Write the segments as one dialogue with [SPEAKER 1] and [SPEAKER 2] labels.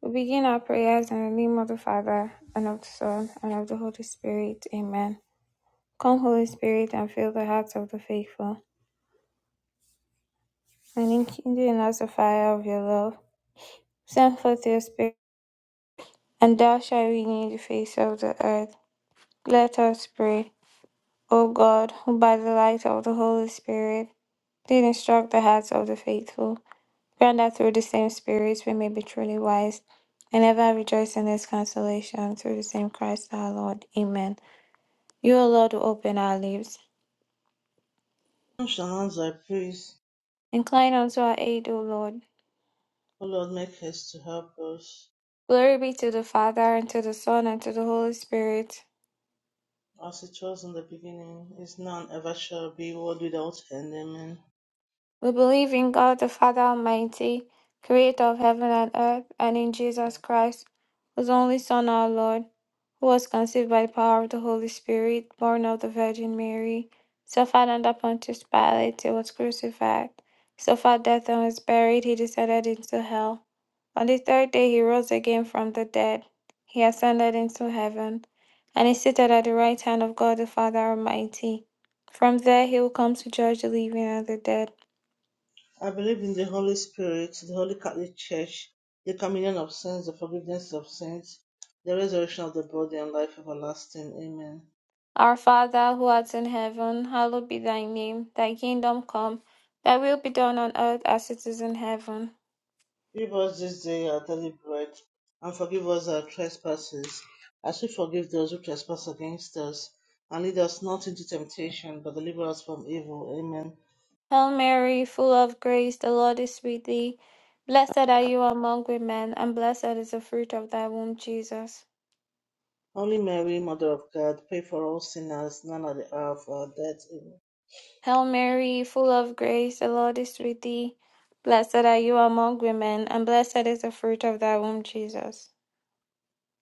[SPEAKER 1] We begin our prayers in the name of the Father, and of the Son, and of the Holy Spirit. Amen. Come, Holy Spirit, and fill the hearts of the faithful, and enkindle in us the fire of your love. Send forth your Spirit, and thou shalt renew the face of the earth. Let us pray. O God, who by the light of the Holy Spirit did instruct the hearts of the faithful, grant that through the same Spirit we may be truly wise, and ever rejoice in this consolation through the same Christ our Lord. Amen. You, O Lord, who open our lips.
[SPEAKER 2] Shall not thy praise,
[SPEAKER 1] Incline unto our aid, O Lord.
[SPEAKER 2] O Lord, make haste to help us,
[SPEAKER 1] Glory be to the Father, and to the Son, and to the Holy Spirit.
[SPEAKER 2] as it was in the beginning, is now, and ever shall be, world without end. Amen.
[SPEAKER 1] We believe in God the Father Almighty, creator of heaven and earth, and in Jesus Christ, whose only Son, our Lord, who was conceived by the power of the Holy Spirit, born of the Virgin Mary, suffered under Pontius Pilate, he was crucified, suffered death and was buried, he descended into hell. On the third day he rose again from the dead. He ascended into heaven, and is seated at the right hand of God the Father Almighty. From there he will come to judge the living and the dead.
[SPEAKER 2] I believe in the Holy Spirit, the Holy Catholic Church, the communion of saints, the forgiveness of sins, the resurrection of the body, and life everlasting. Amen.
[SPEAKER 1] Our Father, who art in heaven, hallowed be thy name. Thy kingdom come, thy will be done on earth as it is in heaven.
[SPEAKER 2] Give us this day our daily bread, and forgive us our trespasses, as we forgive those who trespass against us. And lead us not into temptation, but deliver us from evil. Amen.
[SPEAKER 1] Hail Mary, full of grace, the Lord is with thee. Blessed are you among women, and blessed is the fruit of thy womb, Jesus.
[SPEAKER 2] Holy Mary, Mother of God, pray for all sinners, now and at the hour of our death. Amen.
[SPEAKER 1] Hail Mary, full of grace, the Lord is with thee. Blessed are you among women, and blessed is the fruit of thy womb, Jesus.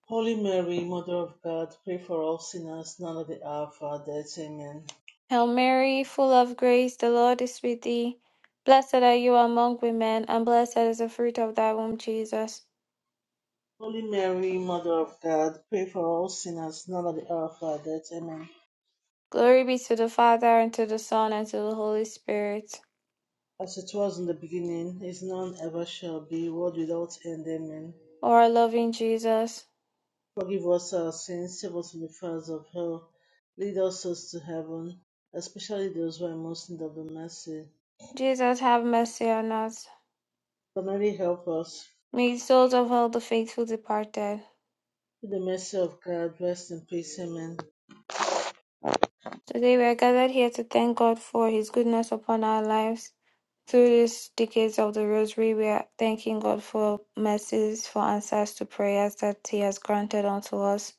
[SPEAKER 2] Holy Mary, Mother of God, pray for all sinners, now and at the hour of our death. Amen.
[SPEAKER 1] Hail Mary, full of grace, the Lord is with thee. Blessed are you among women, and blessed is the fruit of thy womb, Jesus.
[SPEAKER 2] Holy Mary, Mother of God, pray for all sinners, now and at the hour of our death. Amen.
[SPEAKER 1] Glory be to the Father, and to the Son, and to the Holy Spirit.
[SPEAKER 2] As it was in the beginning, is now and ever shall be, world without end. Amen.
[SPEAKER 1] O our loving Jesus,
[SPEAKER 2] Forgive us our sins, save us from the fires of hell, lead us souls to heaven, especially those who are most in need of the mercy.
[SPEAKER 1] Jesus, have mercy on us.
[SPEAKER 2] But Mary, help us.
[SPEAKER 1] May the souls of all the faithful departed.
[SPEAKER 2] Through the mercy of God, rest in peace. Amen.
[SPEAKER 1] Today we are gathered here to thank God for his goodness upon our lives Through these decades of the Rosary, we are thanking God for mercies, for answers to prayers that He has granted unto us.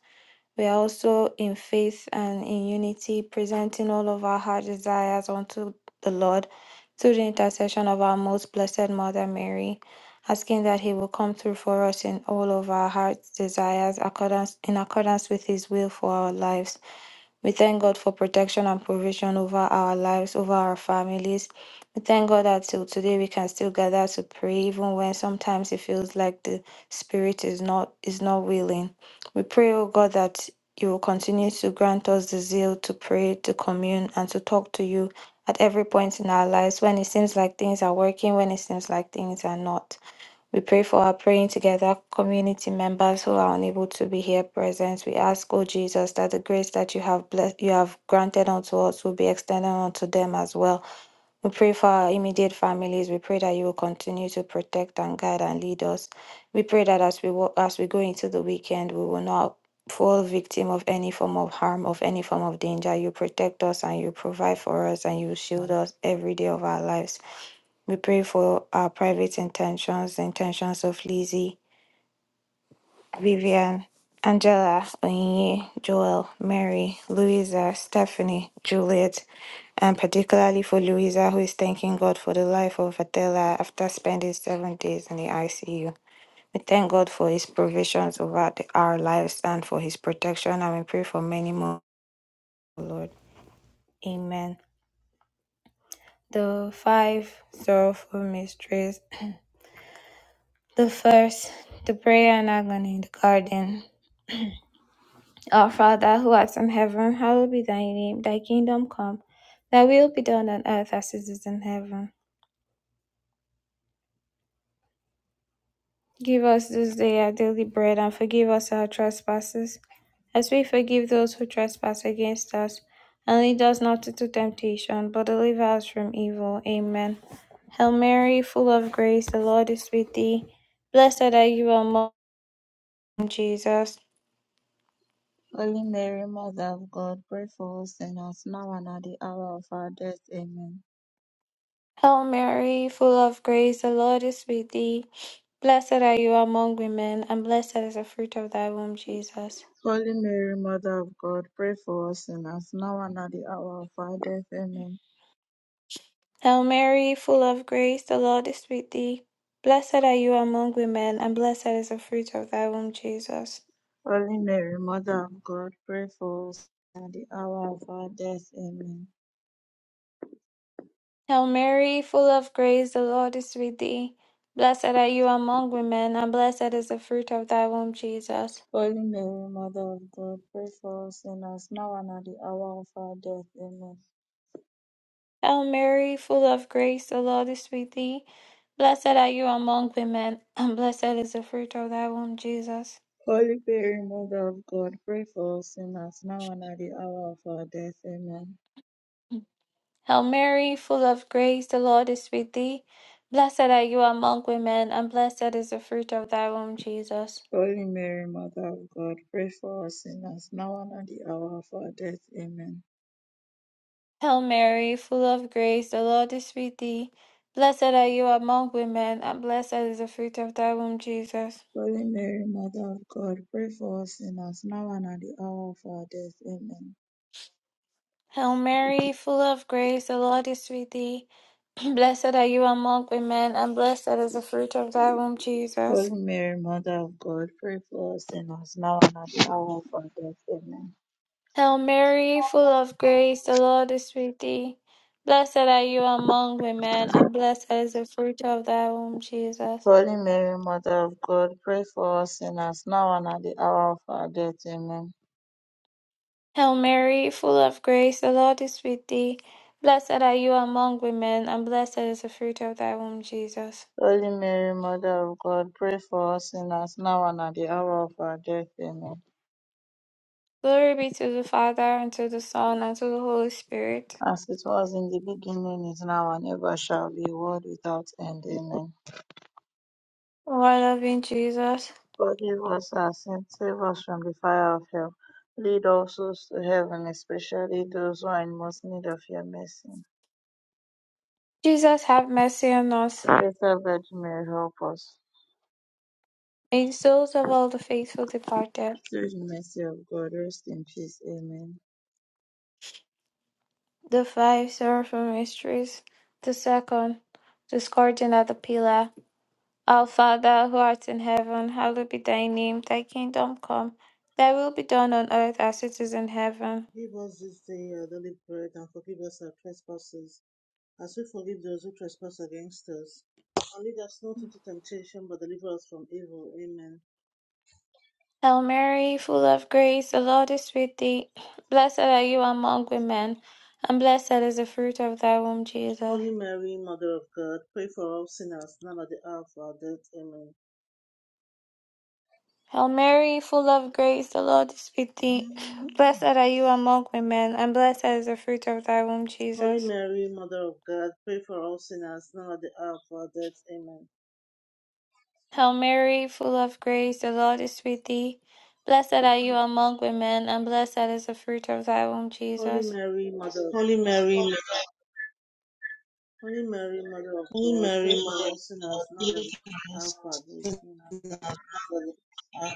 [SPEAKER 1] We are also in faith and in unity, presenting all of our heart desires unto the Lord through the intercession of our most blessed Mother Mary, asking that He will come through for us in all of our heart's desires accordance, in accordance with His will for our lives. We thank God for protection and provision over our lives, over our families. We thank God that till today we can still gather to pray, even when sometimes it feels like the spirit is not is not willing. We pray, oh God, that you will continue to grant us the zeal to pray, to commune, and to talk to you at every point in our lives when it seems like things are working, when it seems like things are not. We pray for our praying together community members who are unable to be here present. We ask, O Jesus, that the grace that you have blessed, you have granted unto us will be extended unto them as well. We pray for our immediate families. We pray that you will continue to protect and guide and lead us. We pray that as we walk, as we go into the weekend, we will not fall victim of any form of harm, of any form of danger. You protect us and you provide for us and you shield us every day of our lives. We pray for our private intentions, the intentions of Lizzie, Vivian, Angela, Onyinye, Joel, Mary, Louisa, Stephanie, Juliet, and particularly for Louisa, who is thanking God for the life of Adela after spending seven days in the ICU. We thank God for his provisions over the- our lives and for his protection, and we pray for many more, Lord. Amen. The five sorrowful mysteries. The first, the prayer and agony in the garden. Our Father who art in heaven, hallowed be thy name, thy kingdom come, thy will be done on earth as it is in heaven. Give us this day our daily bread and forgive us our trespasses, as we forgive those who trespass against us. And lead us not into temptation, but deliver us from evil. Amen. Hail Mary, full of grace, the Lord is with thee. Blessed are you among Jesus.
[SPEAKER 3] Holy Mary, Mother of God, pray for us sinners now and at the hour of our death. Amen.
[SPEAKER 1] Hail Mary, full of grace, the Lord is with thee. Blessed are you among women, and blessed is the fruit of thy womb, Jesus.
[SPEAKER 3] Holy Mary, Mother of God, pray for us sinners now and at the hour of our death. Amen.
[SPEAKER 1] Hail Mary, full of grace, the Lord is with thee. Blessed are you among women, and blessed is the fruit of thy womb, Jesus.
[SPEAKER 3] Holy Mary, Mother of God, pray for us at the hour of our death. Amen.
[SPEAKER 1] Hail Mary, full of grace, the Lord is with thee. Blessed are you among women, and blessed is the fruit of thy womb, Jesus.
[SPEAKER 3] Holy Mary, Mother of God, pray for us sinners now and at the hour of our death. Amen.
[SPEAKER 1] Hail Mary, full of grace, the Lord is with thee. Blessed are you among women, and blessed is the fruit of thy womb, Jesus.
[SPEAKER 3] Holy Mary, Mother of God, pray for us sinners now and at the hour of our death. Amen.
[SPEAKER 1] Hail Mary, full of grace, the Lord is with thee. Blessed are you among women, and blessed is the fruit of thy womb, Jesus.
[SPEAKER 3] Holy Mary, Mother of God, pray for us sinners, now and at the hour of our death. Amen.
[SPEAKER 1] Hail Mary, full of grace, the Lord is with thee. Blessed are you among women, and blessed is the fruit of thy womb, Jesus.
[SPEAKER 3] Holy Mary, Mother of God, pray for us sinners, now and at the hour of our death. Amen.
[SPEAKER 1] Hail Mary, full of grace, the Lord is with thee. Blessed are you among women, and blessed is the fruit of thy womb,
[SPEAKER 3] Holy
[SPEAKER 1] Jesus.
[SPEAKER 3] Mary, Mother of God, pray for us sinners, now and at the hour of our death. Amen.
[SPEAKER 1] Hail Mary, full of grace, the Lord is with thee. Blessed are you among women, and blessed is the fruit of thy womb, Jesus.
[SPEAKER 3] Holy Mary, Mother of God, pray for us sinners, now and at the hour of our death. Amen.
[SPEAKER 1] Hail Mary, full of grace, the Lord is with thee. Blessed are you among women, and blessed is the fruit of thy womb, Jesus.
[SPEAKER 3] Holy Mary, Mother of God, pray for us sinners, now and at the hour of our death. Amen.
[SPEAKER 1] Glory be to the Father, and to the Son, and to the Holy Spirit.
[SPEAKER 3] as it was in the beginning, is now, and ever shall be, world without end. Amen.
[SPEAKER 1] O our loving Jesus,
[SPEAKER 3] Forgive us our sins, save us from the fire of hell. Lead all souls to heaven, especially those who are in most need of your mercy.
[SPEAKER 1] Jesus, have mercy on us.
[SPEAKER 3] Better Virgin Mary, help us.
[SPEAKER 1] It tells about the faithful departed,
[SPEAKER 3] Through the mercy of God, rest in peace. Amen.
[SPEAKER 1] the five sorrowful mysteries, the second, the scourging at the pillar. Our Father who art in heaven, hallowed be thy name, thy kingdom come, thy will be done on earth as it is in heaven.
[SPEAKER 4] Give us this day our daily bread, and forgive us our trespasses, as we forgive those who trespass against us. And lead us not into temptation, but deliver us from evil. Amen.
[SPEAKER 1] Hail Mary, full of grace, the Lord is with thee. Blessed are you among women, and blessed is the fruit of thy womb, Jesus.
[SPEAKER 4] Holy Mary, Mother of God, pray for all sinners, now at the hour of our death. Amen.
[SPEAKER 1] Hail Mary, full of grace, the Lord is with thee. Blessed are you among women, and blessed is the fruit of thy womb,
[SPEAKER 4] Holy
[SPEAKER 1] Jesus.
[SPEAKER 4] Mary, Mother of God, pray for all sinners, now at the hour of our death. Amen.
[SPEAKER 1] Hail Mary, full of grace, the Lord is with thee. Blessed are you among women, and blessed is the fruit of thy womb,
[SPEAKER 4] Holy
[SPEAKER 1] Jesus.
[SPEAKER 4] Mary, Mother of
[SPEAKER 2] Holy Mary, Mother-
[SPEAKER 4] Holy Mary, Mother of
[SPEAKER 2] Holy
[SPEAKER 4] God,
[SPEAKER 2] Mary,
[SPEAKER 4] pray for
[SPEAKER 2] Mother
[SPEAKER 4] all
[SPEAKER 2] of
[SPEAKER 4] sinners,
[SPEAKER 2] God,
[SPEAKER 4] now at
[SPEAKER 2] pray
[SPEAKER 4] the
[SPEAKER 2] for us
[SPEAKER 4] hour of
[SPEAKER 2] sinners
[SPEAKER 4] our death. Amen.
[SPEAKER 2] now and at the hour of our death. Amen.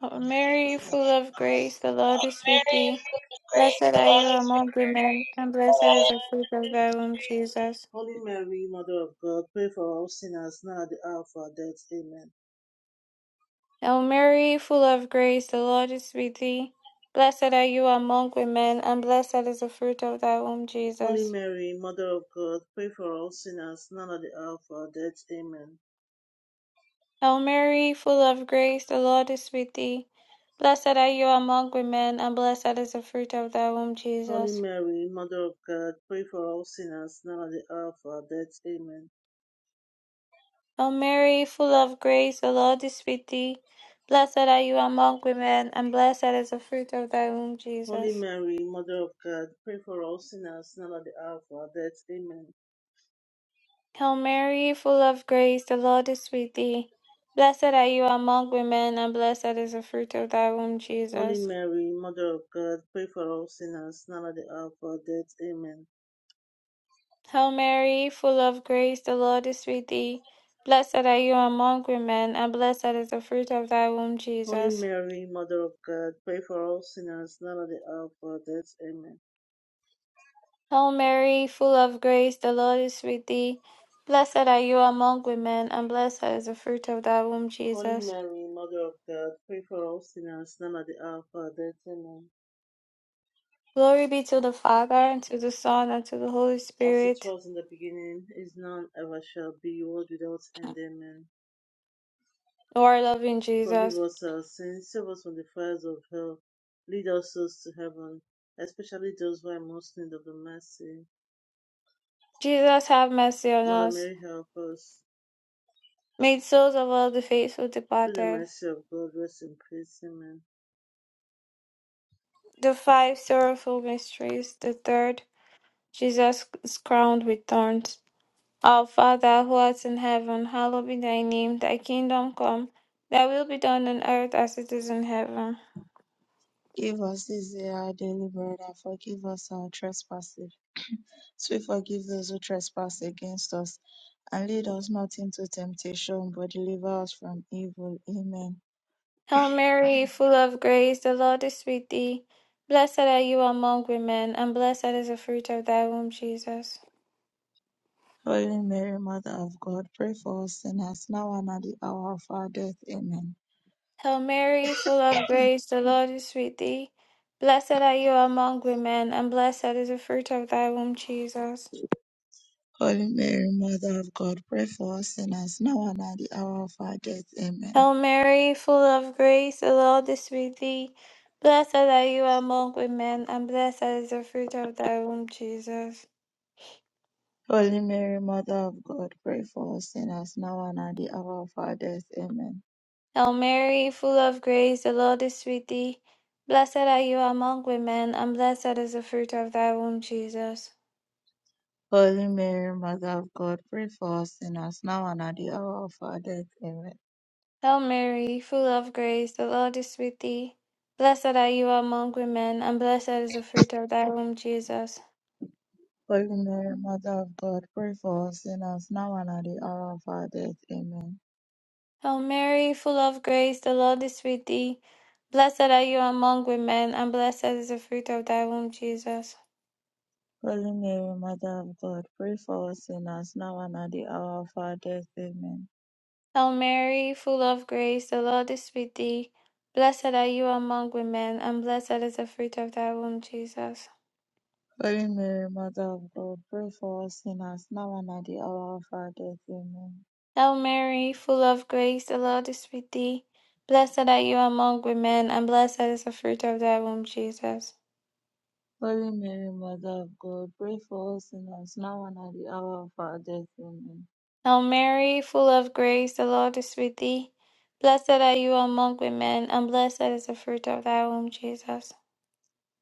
[SPEAKER 1] Hail Mary, full of grace, the Lord is with
[SPEAKER 2] Mary,
[SPEAKER 1] thee.
[SPEAKER 2] full of grace,
[SPEAKER 1] Blessed
[SPEAKER 2] the
[SPEAKER 1] are you
[SPEAKER 2] Lord is
[SPEAKER 1] among women, and blessed is the fruit of thy womb, Jesus.
[SPEAKER 4] Holy Mary, Mother of God, pray for us sinners now at the hour of our death. Amen.
[SPEAKER 1] Hail Mary, full of grace, the Lord is with thee. Blessed are you among women, and blessed is the fruit of thy womb,
[SPEAKER 4] Holy
[SPEAKER 1] Jesus.
[SPEAKER 4] Mary, Mother of God, pray for us sinners now at the hour of our death. Amen.
[SPEAKER 1] Hail Mary, full of grace, the Lord is with thee. Blessed are you among women, and blessed is the fruit of thy womb,
[SPEAKER 4] Holy
[SPEAKER 1] Jesus.
[SPEAKER 4] Mary, Mother of God, pray for us sinners now at the hour of our death. Amen.
[SPEAKER 1] Hail Mary, full of grace, the Lord is with thee. Blessed are you among women, and blessed is the fruit of thy womb,
[SPEAKER 4] Holy
[SPEAKER 1] Jesus.
[SPEAKER 4] Mary, Mother of God, pray for us sinners now at the hour of our death. Amen.
[SPEAKER 1] Hail Mary, full of grace, the Lord is with thee. Blessed are you among women, and blessed is the fruit of thy womb,
[SPEAKER 4] Holy
[SPEAKER 1] Jesus.
[SPEAKER 4] Mary, Mother of God, pray for us sinners now at the hour of our death. Amen.
[SPEAKER 1] Hail Mary, full of grace, the Lord is with thee. Blessed are you among women, and blessed is the fruit of thy womb,
[SPEAKER 4] Holy
[SPEAKER 1] Jesus.
[SPEAKER 4] Mary, Mother of God, pray for us sinners now at the hour of our death. Amen.
[SPEAKER 1] Hail Mary, full of grace, the Lord is with thee. Blessed are you among women, and blessed is the fruit of thy womb,
[SPEAKER 4] Holy
[SPEAKER 1] Jesus.
[SPEAKER 4] Mary, Mother of God, pray for all sinners, now at the hour of our death. Amen.
[SPEAKER 1] Glory be to the Father, and to the Son, and to the Holy
[SPEAKER 4] As it
[SPEAKER 1] Spirit,
[SPEAKER 4] was in the beginning, is now, and ever shall be, world without end. Amen.
[SPEAKER 1] O our loving
[SPEAKER 4] Forgive
[SPEAKER 1] Jesus.
[SPEAKER 4] us our sins, save us from the fires of hell, lead us souls to heaven, especially those who are most in need of the mercy.
[SPEAKER 1] Jesus have mercy on
[SPEAKER 4] Mother
[SPEAKER 1] us.
[SPEAKER 4] Mary, help us.
[SPEAKER 1] Made souls of all the faithful
[SPEAKER 4] Through the
[SPEAKER 1] departed.
[SPEAKER 4] mercy of God, rest in peace. Amen.
[SPEAKER 1] The five sorrowful mysteries. The third, Jesus is crowned with thorns. Our Father who art in heaven, hallowed be thy name. Thy kingdom come. Thy will be done on earth as it is in heaven.
[SPEAKER 3] Give us this day our daily bread, and forgive us our trespasses, as we forgive those who trespass against us. And lead us not into temptation, but deliver us from evil. Amen.
[SPEAKER 1] Hail Mary, full of grace, the Lord is with thee. Blessed are you among women, and blessed is the fruit of thy womb, Jesus.
[SPEAKER 3] Holy Mary, Mother of God, pray for us sinners, now and at the hour of our death. Amen.
[SPEAKER 1] Hail Mary, full of grace, the Lord is with thee. Blessed are you among women, and blessed is the fruit of thy womb, Jesus.
[SPEAKER 3] Holy Mary, Mother of God, pray for us sinners, now and at the hour of our death. Amen.
[SPEAKER 1] Hail Mary, full of grace, the Lord is with thee. Blessed are you among women, and blessed is the fruit of thy womb, Jesus.
[SPEAKER 3] Holy Mary, Mother of God, pray for us sinners, now and at the hour of our death. Amen.
[SPEAKER 1] Hail Mary, full of grace, the Lord is with thee. Blessed are you among women, and blessed is the fruit of thy womb, Jesus.
[SPEAKER 3] Holy Mary, Mother of God, pray for us sinners, now and at the hour of our death. Amen.
[SPEAKER 1] Hail Mary, full of grace, the Lord is with thee. Blessed are you among women, and blessed is the fruit of thy womb, Jesus.
[SPEAKER 3] Holy Mary, Mother of God, pray for us sinners, now and at the hour of our death. Amen.
[SPEAKER 1] Hail Mary, full of grace, the Lord is with thee. Blessed are you among women, and blessed is the fruit of thy womb, Jesus.
[SPEAKER 3] Holy Mary, Mother of God, pray for us sinners now and at the hour of our death. Amen.
[SPEAKER 1] Hail Mary, full of grace, the Lord is with thee. Blessed are you among women, and blessed is the fruit of thy womb, Jesus.
[SPEAKER 3] Holy Mary, Mother of God, pray for us sinners now and at the hour of our death. Amen.
[SPEAKER 1] Hail Mary, full of grace, the Lord is with thee. Blessed are you among women, and blessed is the fruit of thy womb, Jesus.
[SPEAKER 3] Holy Mary, Mother of God, pray for us sinners now and at the hour of our death. Amen.
[SPEAKER 1] Hail Mary, full of grace, the Lord is with thee. Blessed are you among women, and blessed is the fruit of thy womb, Jesus.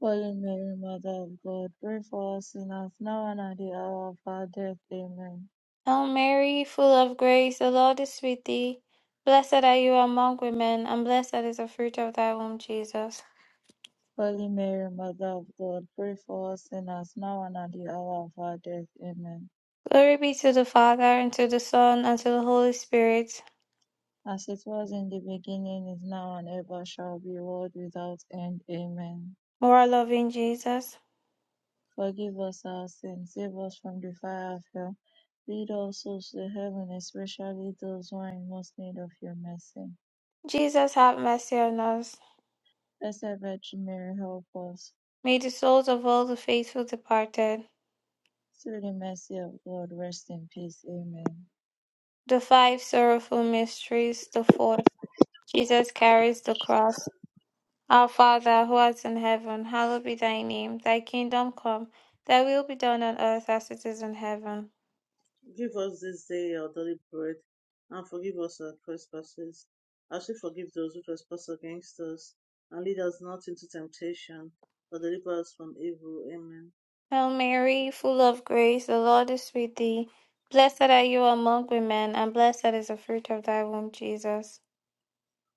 [SPEAKER 3] Holy Mary, Mother of God, pray for us sinners now and at the hour of our death. Amen.
[SPEAKER 1] Hail Mary, full of grace, the Lord is with thee. Blessed are you among women, and blessed is the fruit of thy womb, Jesus.
[SPEAKER 3] Holy Mary, Mother of God, pray for us sinners now and at the hour of our death. Amen.
[SPEAKER 1] Glory be to the Father, and to the Son, and to the Holy Spirit.
[SPEAKER 3] as it was in the beginning, is now, and ever shall be, world without end. Amen.
[SPEAKER 1] Moral loving Jesus.
[SPEAKER 3] Forgive us our sins, save us from the fire of hell. Lead all souls to heaven, especially those who are in most need of your mercy.
[SPEAKER 1] Jesus have mercy on us.
[SPEAKER 3] Blessed Virgin Mary, help us.
[SPEAKER 1] May the souls of all the faithful departed,
[SPEAKER 3] Through the mercy of God, rest in peace. Amen.
[SPEAKER 1] the five sorrowful mysteries, the fourth, Jesus carries the cross. Our Father, who art in heaven, hallowed be thy name. Thy kingdom come, thy will be done on earth as it is in heaven.
[SPEAKER 4] Give us this day our daily bread, and forgive us our trespasses, as we forgive those who trespass against us. And lead us not into temptation, but deliver us from evil. Amen.
[SPEAKER 1] Hail Mary, full of grace, the Lord is with thee. Blessed are you among women, and blessed is the fruit of thy womb, Jesus.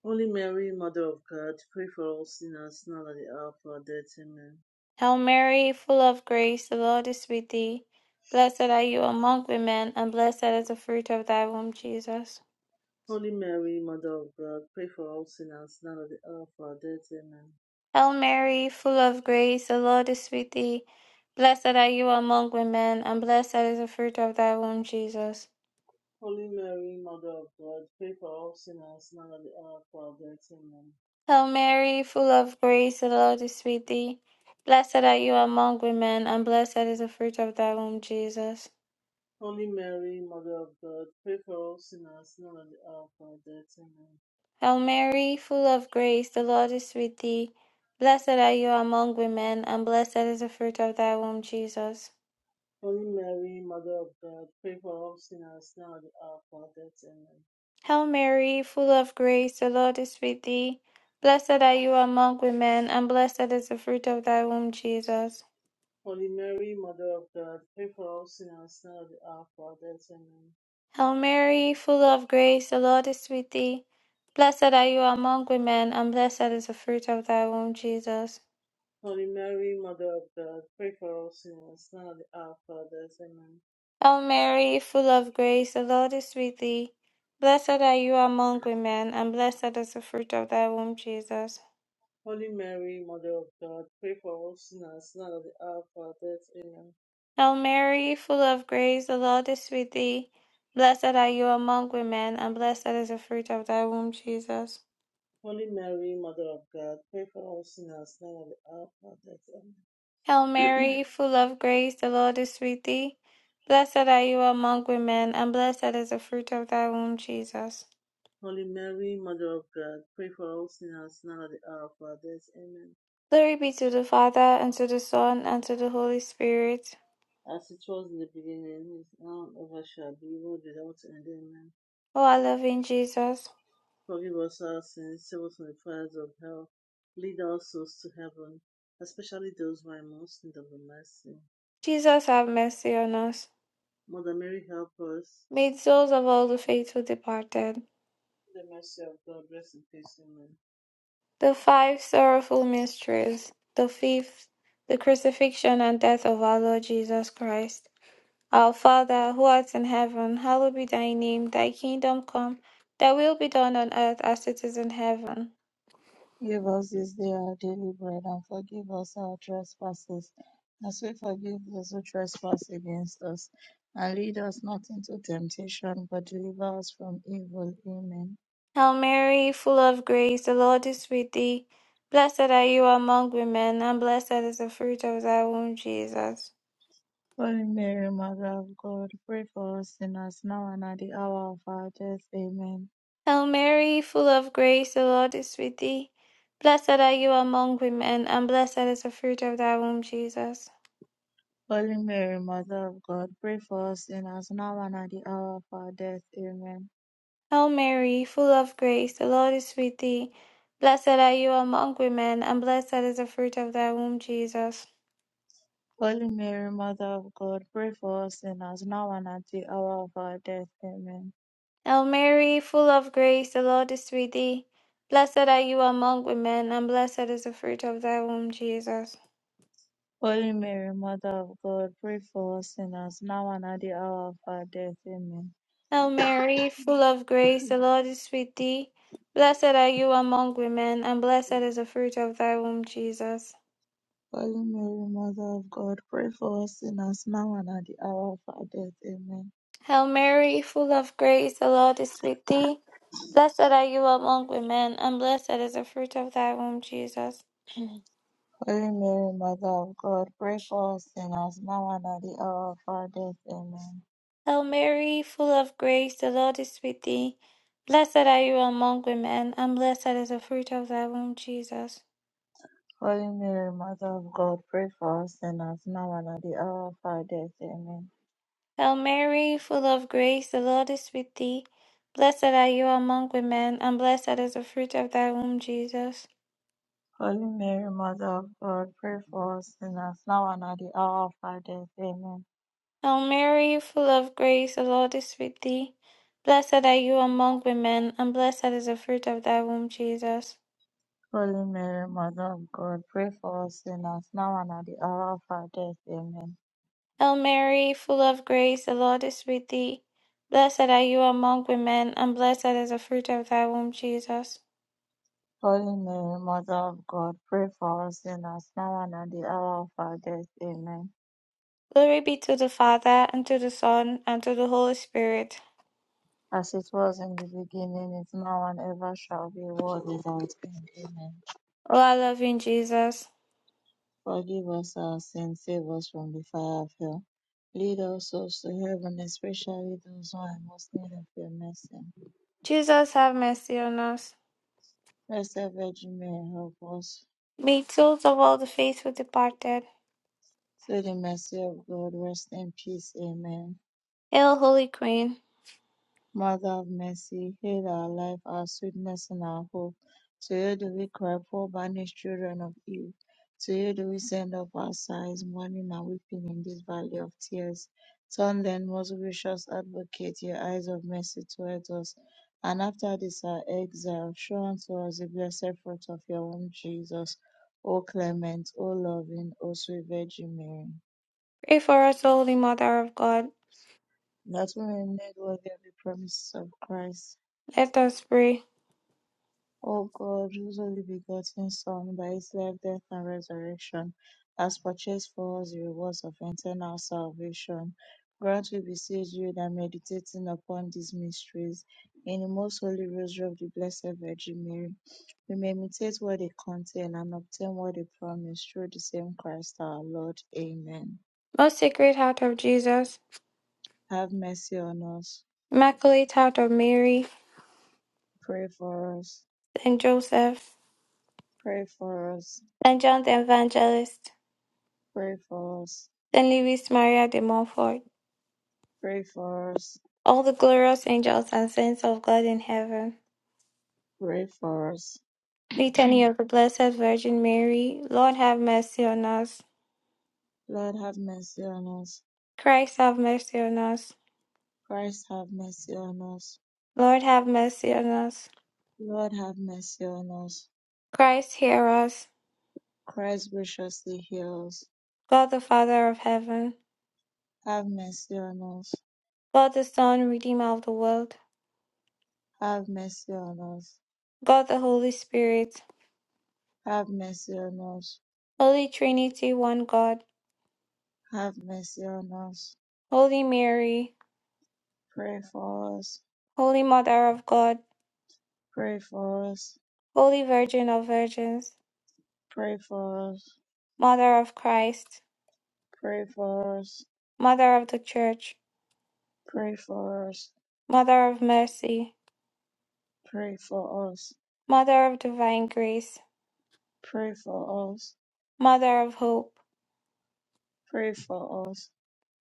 [SPEAKER 4] Holy Mary, Mother of God, pray for all sinners now at the hour of our death. Amen.
[SPEAKER 1] Hail Mary, full of grace, the Lord is with thee. Blessed are you among women, and blessed is the fruit of thy womb, Jesus.
[SPEAKER 4] Holy Mary, Mother of God, pray for all sinners now at the hour of our death. Amen.
[SPEAKER 1] Hail Mary, full of grace, the Lord is with thee. Blessed are you among women, and blessed is the fruit of thy womb, Jesus.
[SPEAKER 4] Holy Mary, Mother of God, pray for all sinners now at the hour of our death. Amen.
[SPEAKER 1] Hail Mary, full of grace, the Lord is with thee. Blessed are you among women, and blessed is the fruit of thy womb, Jesus.
[SPEAKER 4] Holy Mary, Mother of God, pray for all sinners now and at the hour of our death. Amen.
[SPEAKER 1] Hail Mary, full of grace, the Lord is with thee. Blessed are you among women, and blessed is the fruit of thy womb, Jesus.
[SPEAKER 4] Holy Mary, Mother of God, pray for all sinners now and at the hour of our death. Amen.
[SPEAKER 1] Hail Mary, full of grace, the Lord is with thee. Blessed are you among women, and blessed is the fruit of thy womb, Jesus.
[SPEAKER 4] Holy Mary, Mother of God, pray for all sinners now and at the hour of our death. Amen.
[SPEAKER 1] Hail Mary, full of grace, the Lord is with thee. Blessed are you among women, and blessed is the fruit of thy womb, Jesus.
[SPEAKER 4] Holy Mary, Mother of God, pray for all sinners now and at the hour of our death. Amen.
[SPEAKER 1] Hail Mary, full of grace, the Lord is with thee. Blessed are you among women, and blessed is the fruit of thy womb, Jesus.
[SPEAKER 4] Holy Mary, Mother of God, pray for all sinners now and at the hour of our death. Amen.
[SPEAKER 1] Hail Mary, full of grace, the Lord is with thee. Blessed are you among women, and blessed is the fruit of thy womb, Jesus.
[SPEAKER 4] Holy Mary, Mother of God, pray for all sinners now and at the hour of our death. Amen.
[SPEAKER 1] Hail Mary, full of grace, the Lord is with thee. Blessed are you among women, and blessed is the fruit of thy womb, Jesus.
[SPEAKER 4] Holy Mary, Mother of God, pray for all sinners now at the hour of our death. Amen.
[SPEAKER 1] Glory be to the Father, and to the Son, and to the Holy Spirit.
[SPEAKER 4] As it was in the beginning, is now, and ever shall be, world without end. Amen.
[SPEAKER 1] O our loving Jesus.
[SPEAKER 4] Forgive us our sins, save us from the fires of hell, lead our souls to heaven, especially those who are most in need of the mercy.
[SPEAKER 1] Jesus have mercy on us.
[SPEAKER 4] Mother Mary, help us.
[SPEAKER 1] May the souls of all the faithful departed,
[SPEAKER 4] The mercy of God, rest in peace. Amen.
[SPEAKER 1] the five sorrowful mysteries, the fifth, the crucifixion and death of our Lord Jesus Christ. Our Father, who art in heaven, hallowed be thy name, thy kingdom come, thy will be done on earth as it is in heaven.
[SPEAKER 3] Give us this day our daily bread, and forgive us our trespasses, as we forgive those who trespass against us. And lead us not into temptation, but deliver us from evil. Amen.
[SPEAKER 1] Hail Mary, full of grace, the Lord is with thee. Blessed are you among women, and blessed is the fruit of thy womb, Jesus.
[SPEAKER 3] Holy Mary, Mother of God, pray for us sinners now and at the hour of our death. Amen.
[SPEAKER 1] Hail Mary, full of grace, the Lord is with thee. Blessed are you among women, and blessed is the fruit of thy womb, Jesus.
[SPEAKER 3] Holy Mary, Mother of God, pray for us sinners now and at the hour of our death. Amen.
[SPEAKER 1] Hail Mary, full of grace, the Lord is with thee. Blessed are you among women, and blessed is the fruit of thy womb, Jesus.
[SPEAKER 3] Holy Mary, Mother of God, pray for us sinners now and at the hour of our death. Amen.
[SPEAKER 1] Hail Mary, full of grace, the Lord is with thee. Blessed are you among women, and blessed is the fruit of thy womb, Jesus.
[SPEAKER 3] Holy Mary, Mother of God, pray for us sinners, now and at the hour of our death. Amen.
[SPEAKER 1] Hail Mary, full of grace, the Lord is with thee. Blessed are you among women, and blessed is the fruit of thy womb, Jesus.
[SPEAKER 3] Holy Mary, Mother of God, pray for us sinners, now and at the hour of our death. Amen.
[SPEAKER 1] Hail Mary, full of grace, the Lord is with thee. Blessed are you among women, and blessed is the fruit of thy womb, Jesus.
[SPEAKER 3] Holy Mary, Mother of God, pray for us sinners, now and at the hour of our death. Amen.
[SPEAKER 1] Hail Mary, full of grace, the Lord is with thee. Blessed are you among women, and blessed is the fruit of thy womb, Jesus.
[SPEAKER 3] Holy Mary, Mother of God, pray for us sinners, now and at the hour of our death. Amen.
[SPEAKER 1] Hail Mary, full of grace, the Lord is with thee. Blessed are you among women, and blessed is the fruit of thy womb, Jesus.
[SPEAKER 3] Holy Mary, Mother of God, pray for us sinners, now and at the hour of our death. Amen.
[SPEAKER 1] Hail Mary, full of grace, the Lord is with thee. Blessed are you among women, and blessed is the fruit of thy womb, Jesus.
[SPEAKER 3] Holy Mary, Mother of God, pray for us sinners, now and at the hour of our death. Amen.
[SPEAKER 1] Hail Mary, full of grace, the Lord is with thee. Blessed are you among women, and blessed is the fruit of thy womb, Jesus.
[SPEAKER 3] Holy Mary, Mother of God, pray for us sinners, now and at the hour of our death. Amen.
[SPEAKER 1] Glory be to the Father, and to the Son, and to the Holy Spirit.
[SPEAKER 3] As it was in the beginning, is now, and ever shall be, world without end. Amen.
[SPEAKER 1] O our loving Jesus.
[SPEAKER 3] Forgive us our sins, save us from the fire of hell. Lead our souls to heaven, especially those who are in most need of your mercy.
[SPEAKER 1] Jesus have mercy on us.
[SPEAKER 3] Blessed Virgin Mary, help us.
[SPEAKER 1] May the souls of all the faithful departed.
[SPEAKER 3] Through the mercy of God, rest in peace. Amen.
[SPEAKER 1] Hail, Holy Queen.
[SPEAKER 3] Mother of mercy, hail our life, our sweetness, and our hope. To you do we cry, poor banished children of Eve. To you do we send up our sighs, mourning and weeping in this valley of tears. Turn then, most gracious advocate, your eyes of mercy towards us, and after this our exile, show unto us the blessed fruit of your womb, Jesus. O clement, O loving, O sweet Virgin Mary,
[SPEAKER 1] Pray for us, Holy Mother of God.
[SPEAKER 3] that we may be made worthy of the promises of Christ
[SPEAKER 1] Let us pray.
[SPEAKER 3] O God, whose only begotten Son, by his life, death, and resurrection, has purchased for us the rewards of eternal salvation, grant, we beseech you, that meditating upon these mysteries in the most holy rosary of the Blessed Virgin Mary, we may imitate what they contain and obtain what they promise through the same Christ our Lord. Amen.
[SPEAKER 1] Most Sacred Heart of Jesus,
[SPEAKER 3] Have mercy on us.
[SPEAKER 1] Immaculate Heart of Mary,
[SPEAKER 3] Pray for us.
[SPEAKER 1] Saint Joseph,
[SPEAKER 3] Pray for us.
[SPEAKER 1] Saint John the Evangelist,
[SPEAKER 3] Pray for us.
[SPEAKER 1] Saint Louis Maria de Montfort,
[SPEAKER 3] Pray for us.
[SPEAKER 1] all the glorious angels and saints of God in heaven.
[SPEAKER 3] Pray for us.
[SPEAKER 1] Litany of the Blessed Virgin Mary, Lord have mercy on us.
[SPEAKER 3] Lord have mercy on us.
[SPEAKER 1] Christ have mercy on us.
[SPEAKER 3] Christ have mercy on us.
[SPEAKER 1] Lord have mercy on us.
[SPEAKER 3] Lord have mercy on us.
[SPEAKER 1] Christ hear us.
[SPEAKER 3] Christ graciously heal us.
[SPEAKER 1] God the Father of heaven,
[SPEAKER 3] Have mercy on us.
[SPEAKER 1] God the Son, Redeemer of the world,
[SPEAKER 3] Have mercy on us.
[SPEAKER 1] God the Holy Spirit,
[SPEAKER 3] Have mercy on us.
[SPEAKER 1] Holy Trinity, one God,
[SPEAKER 3] Have mercy on us.
[SPEAKER 1] Holy Mary,
[SPEAKER 3] Pray for us.
[SPEAKER 1] Holy Mother of God,
[SPEAKER 3] Pray for us.
[SPEAKER 1] Holy Virgin of Virgins,
[SPEAKER 3] Pray for us.
[SPEAKER 1] Mother of Christ,
[SPEAKER 3] Pray for us.
[SPEAKER 1] Mother of the Church,
[SPEAKER 3] Pray for us.
[SPEAKER 1] Mother of Mercy,
[SPEAKER 3] Pray for us.
[SPEAKER 1] Mother of Divine Grace,
[SPEAKER 3] Pray for us.
[SPEAKER 1] Mother of Hope,
[SPEAKER 3] Pray for us.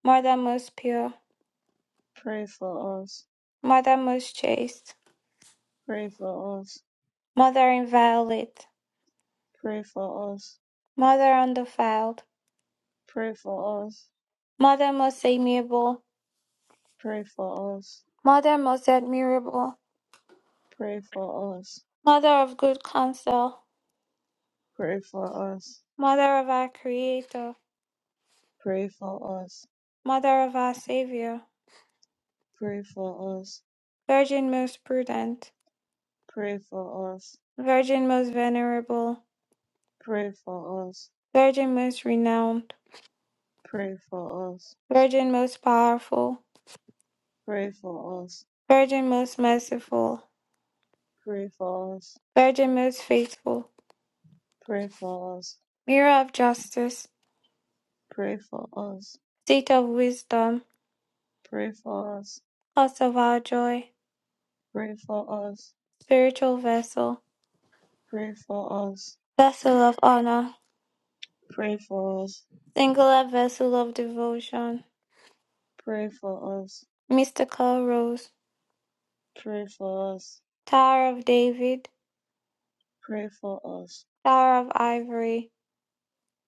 [SPEAKER 1] Mother most pure,
[SPEAKER 3] Pray for us.
[SPEAKER 1] Mother most chaste,
[SPEAKER 3] Pray for us.
[SPEAKER 1] Mother inviolate,
[SPEAKER 3] Pray for us
[SPEAKER 1] Mother undefiled,
[SPEAKER 3] Pray for us.
[SPEAKER 1] Mother most amiable,
[SPEAKER 3] Pray for us.
[SPEAKER 1] Mother most admirable,
[SPEAKER 3] Pray for us.
[SPEAKER 1] Mother of good counsel,
[SPEAKER 3] Pray for us.
[SPEAKER 1] Mother of our Creator,
[SPEAKER 3] Pray for us.
[SPEAKER 1] Mother of our Savior,
[SPEAKER 3] Pray for us.
[SPEAKER 1] Virgin most prudent,
[SPEAKER 3] Pray for us.
[SPEAKER 1] Virgin most venerable,
[SPEAKER 3] Pray for us.
[SPEAKER 1] Virgin most renowned,
[SPEAKER 3] Pray for us.
[SPEAKER 1] Virgin most powerful,
[SPEAKER 3] Pray for us.
[SPEAKER 1] Virgin most merciful,
[SPEAKER 3] Pray for us.
[SPEAKER 1] Virgin most faithful,
[SPEAKER 3] Pray for us.
[SPEAKER 1] Mirror of justice,
[SPEAKER 3] Pray for us.
[SPEAKER 1] Seat of wisdom,
[SPEAKER 3] Pray for us.
[SPEAKER 1] Cause of our joy,
[SPEAKER 3] Pray for us.
[SPEAKER 1] Spiritual vessel,
[SPEAKER 3] Pray for us. Pray for us.
[SPEAKER 1] Vessel of honor,
[SPEAKER 3] Pray for
[SPEAKER 1] Singular vessel of devotion,
[SPEAKER 3] us.
[SPEAKER 1] Mystical rose
[SPEAKER 3] Pray for us.
[SPEAKER 1] Tower of David,
[SPEAKER 3] Pray for us.
[SPEAKER 1] Tower of Ivory,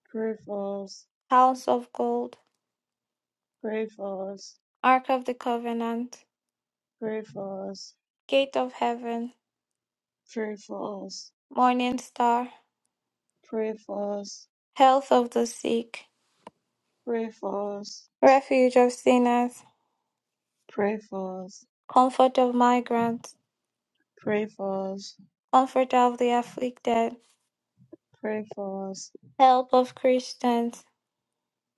[SPEAKER 3] Pray for us.
[SPEAKER 1] House of Gold,
[SPEAKER 3] Pray for us.
[SPEAKER 1] Ark of the Covenant,
[SPEAKER 3] Pray for us.
[SPEAKER 1] Gate of Heaven,
[SPEAKER 3] Pray for us.
[SPEAKER 1] Morning Star,
[SPEAKER 3] Pray for us.
[SPEAKER 1] Health of the Sick,
[SPEAKER 3] Pray for us.
[SPEAKER 1] Refuge of Sinners,
[SPEAKER 3] Pray for us.
[SPEAKER 1] Comfort of Migrants,
[SPEAKER 3] Pray for us.
[SPEAKER 1] Comforter of the Afflicted,
[SPEAKER 3] Pray for us.
[SPEAKER 1] Help of Christians,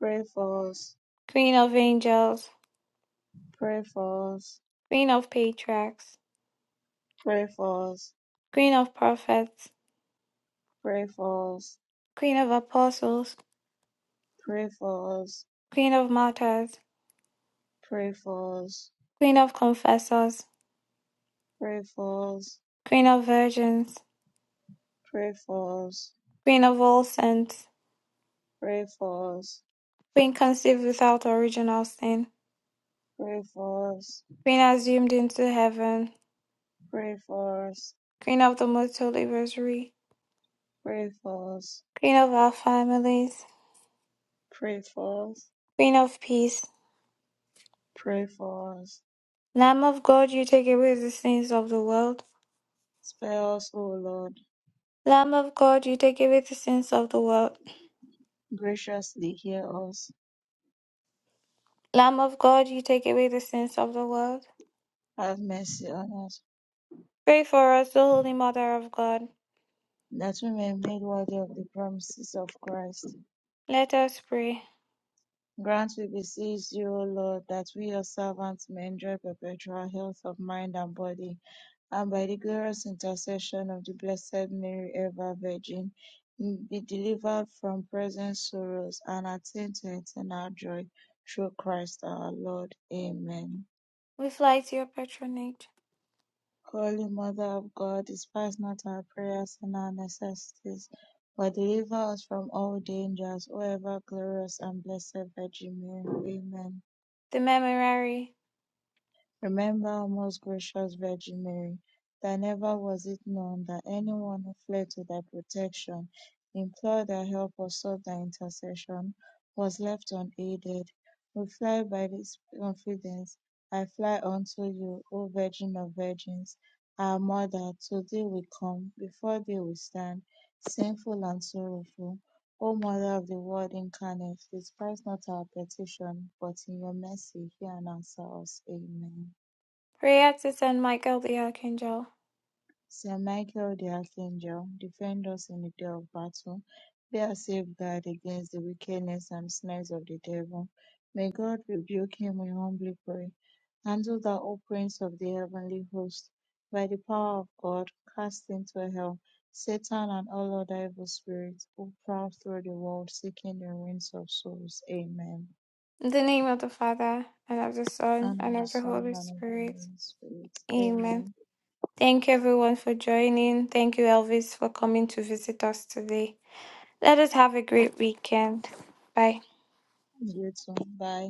[SPEAKER 3] Pray for us.
[SPEAKER 1] Queen of Angels,
[SPEAKER 3] Pray
[SPEAKER 1] Queen of Patriarchs,
[SPEAKER 3] for us.
[SPEAKER 1] Queen of Prophets,
[SPEAKER 3] Pray for us.
[SPEAKER 1] Queen of Apostles,
[SPEAKER 3] Pray for us.
[SPEAKER 1] Queen of Martyrs,
[SPEAKER 3] Pray for us.
[SPEAKER 1] Queen of Confessors,
[SPEAKER 3] Pray for us.
[SPEAKER 1] Queen of Virgins,
[SPEAKER 3] Pray for us.
[SPEAKER 1] Queen of All Saints,
[SPEAKER 3] Pray for us. Pray for us.
[SPEAKER 1] Queen conceived without original sin.
[SPEAKER 3] Pray for us.
[SPEAKER 1] Queen assumed into heaven.
[SPEAKER 3] Pray for us.
[SPEAKER 1] Queen of the multitude rosary.
[SPEAKER 3] Pray for us.
[SPEAKER 1] Queen of our families.
[SPEAKER 3] Pray for us.
[SPEAKER 1] Queen of peace.
[SPEAKER 3] Pray for us.
[SPEAKER 1] Lamb of God, you take away the sins of the world.
[SPEAKER 3] Spare us, O Lord.
[SPEAKER 1] Lamb of God, you take away the sins of the world.
[SPEAKER 3] graciously hear us.
[SPEAKER 1] Lamb of God, you take away the sins of the world.
[SPEAKER 3] Have mercy on us,
[SPEAKER 1] Pray for us, O Holy Mother of God.
[SPEAKER 3] that we may be made worthy of the promises of Christ.
[SPEAKER 1] Let us pray.
[SPEAKER 3] Grant, we beseech you, O Lord, that we, your servants, may enjoy perpetual health of mind and body, and by the glorious intercession of the Blessed Mary, ever Virgin, be delivered from present sorrows and attain to eternal joy. Through Christ our Lord. Amen.
[SPEAKER 1] We fly to your patronage,
[SPEAKER 3] Holy Mother of God, despise not our prayers and our necessities, but deliver us from all dangers, O ever glorious and blessed Virgin Mary. Amen.
[SPEAKER 1] the Memorare.
[SPEAKER 3] Remember, O most gracious Virgin Mary, that never was it known that anyone who fled to thy protection, implored thy help, or sought thy intercession, was left unaided. We fly by this confidence. I fly unto you, O Virgin of Virgins, our Mother. To thee we come, before thee we stand, sinful and sorrowful. O Mother of the Word incarnate, despise not our petition, but in your mercy hear and answer us. Amen.
[SPEAKER 1] Pray to Saint Michael the Archangel
[SPEAKER 3] Saint Michael the Archangel, defend us in the day of battle. Be our safeguard against the wickedness and snares of the devil. May God rebuke him, we humbly pray. Handle thou, O Prince of the heavenly host, by the power of God, cast into hell Satan and all other evil spirits who prowl through the world seeking the ruins of souls. Amen.
[SPEAKER 1] In the name of the Father, and of the Son,
[SPEAKER 3] And
[SPEAKER 1] and
[SPEAKER 3] of the
[SPEAKER 1] of the
[SPEAKER 3] Son
[SPEAKER 1] Holy
[SPEAKER 3] and of the
[SPEAKER 1] Spirit.
[SPEAKER 3] Holy Spirit.
[SPEAKER 1] Amen.
[SPEAKER 3] Amen.
[SPEAKER 1] Thank you, everyone, for joining. Thank you, Elvis, for coming to visit us today. Let us have a great weekend. Bye.
[SPEAKER 3] You too. Bye.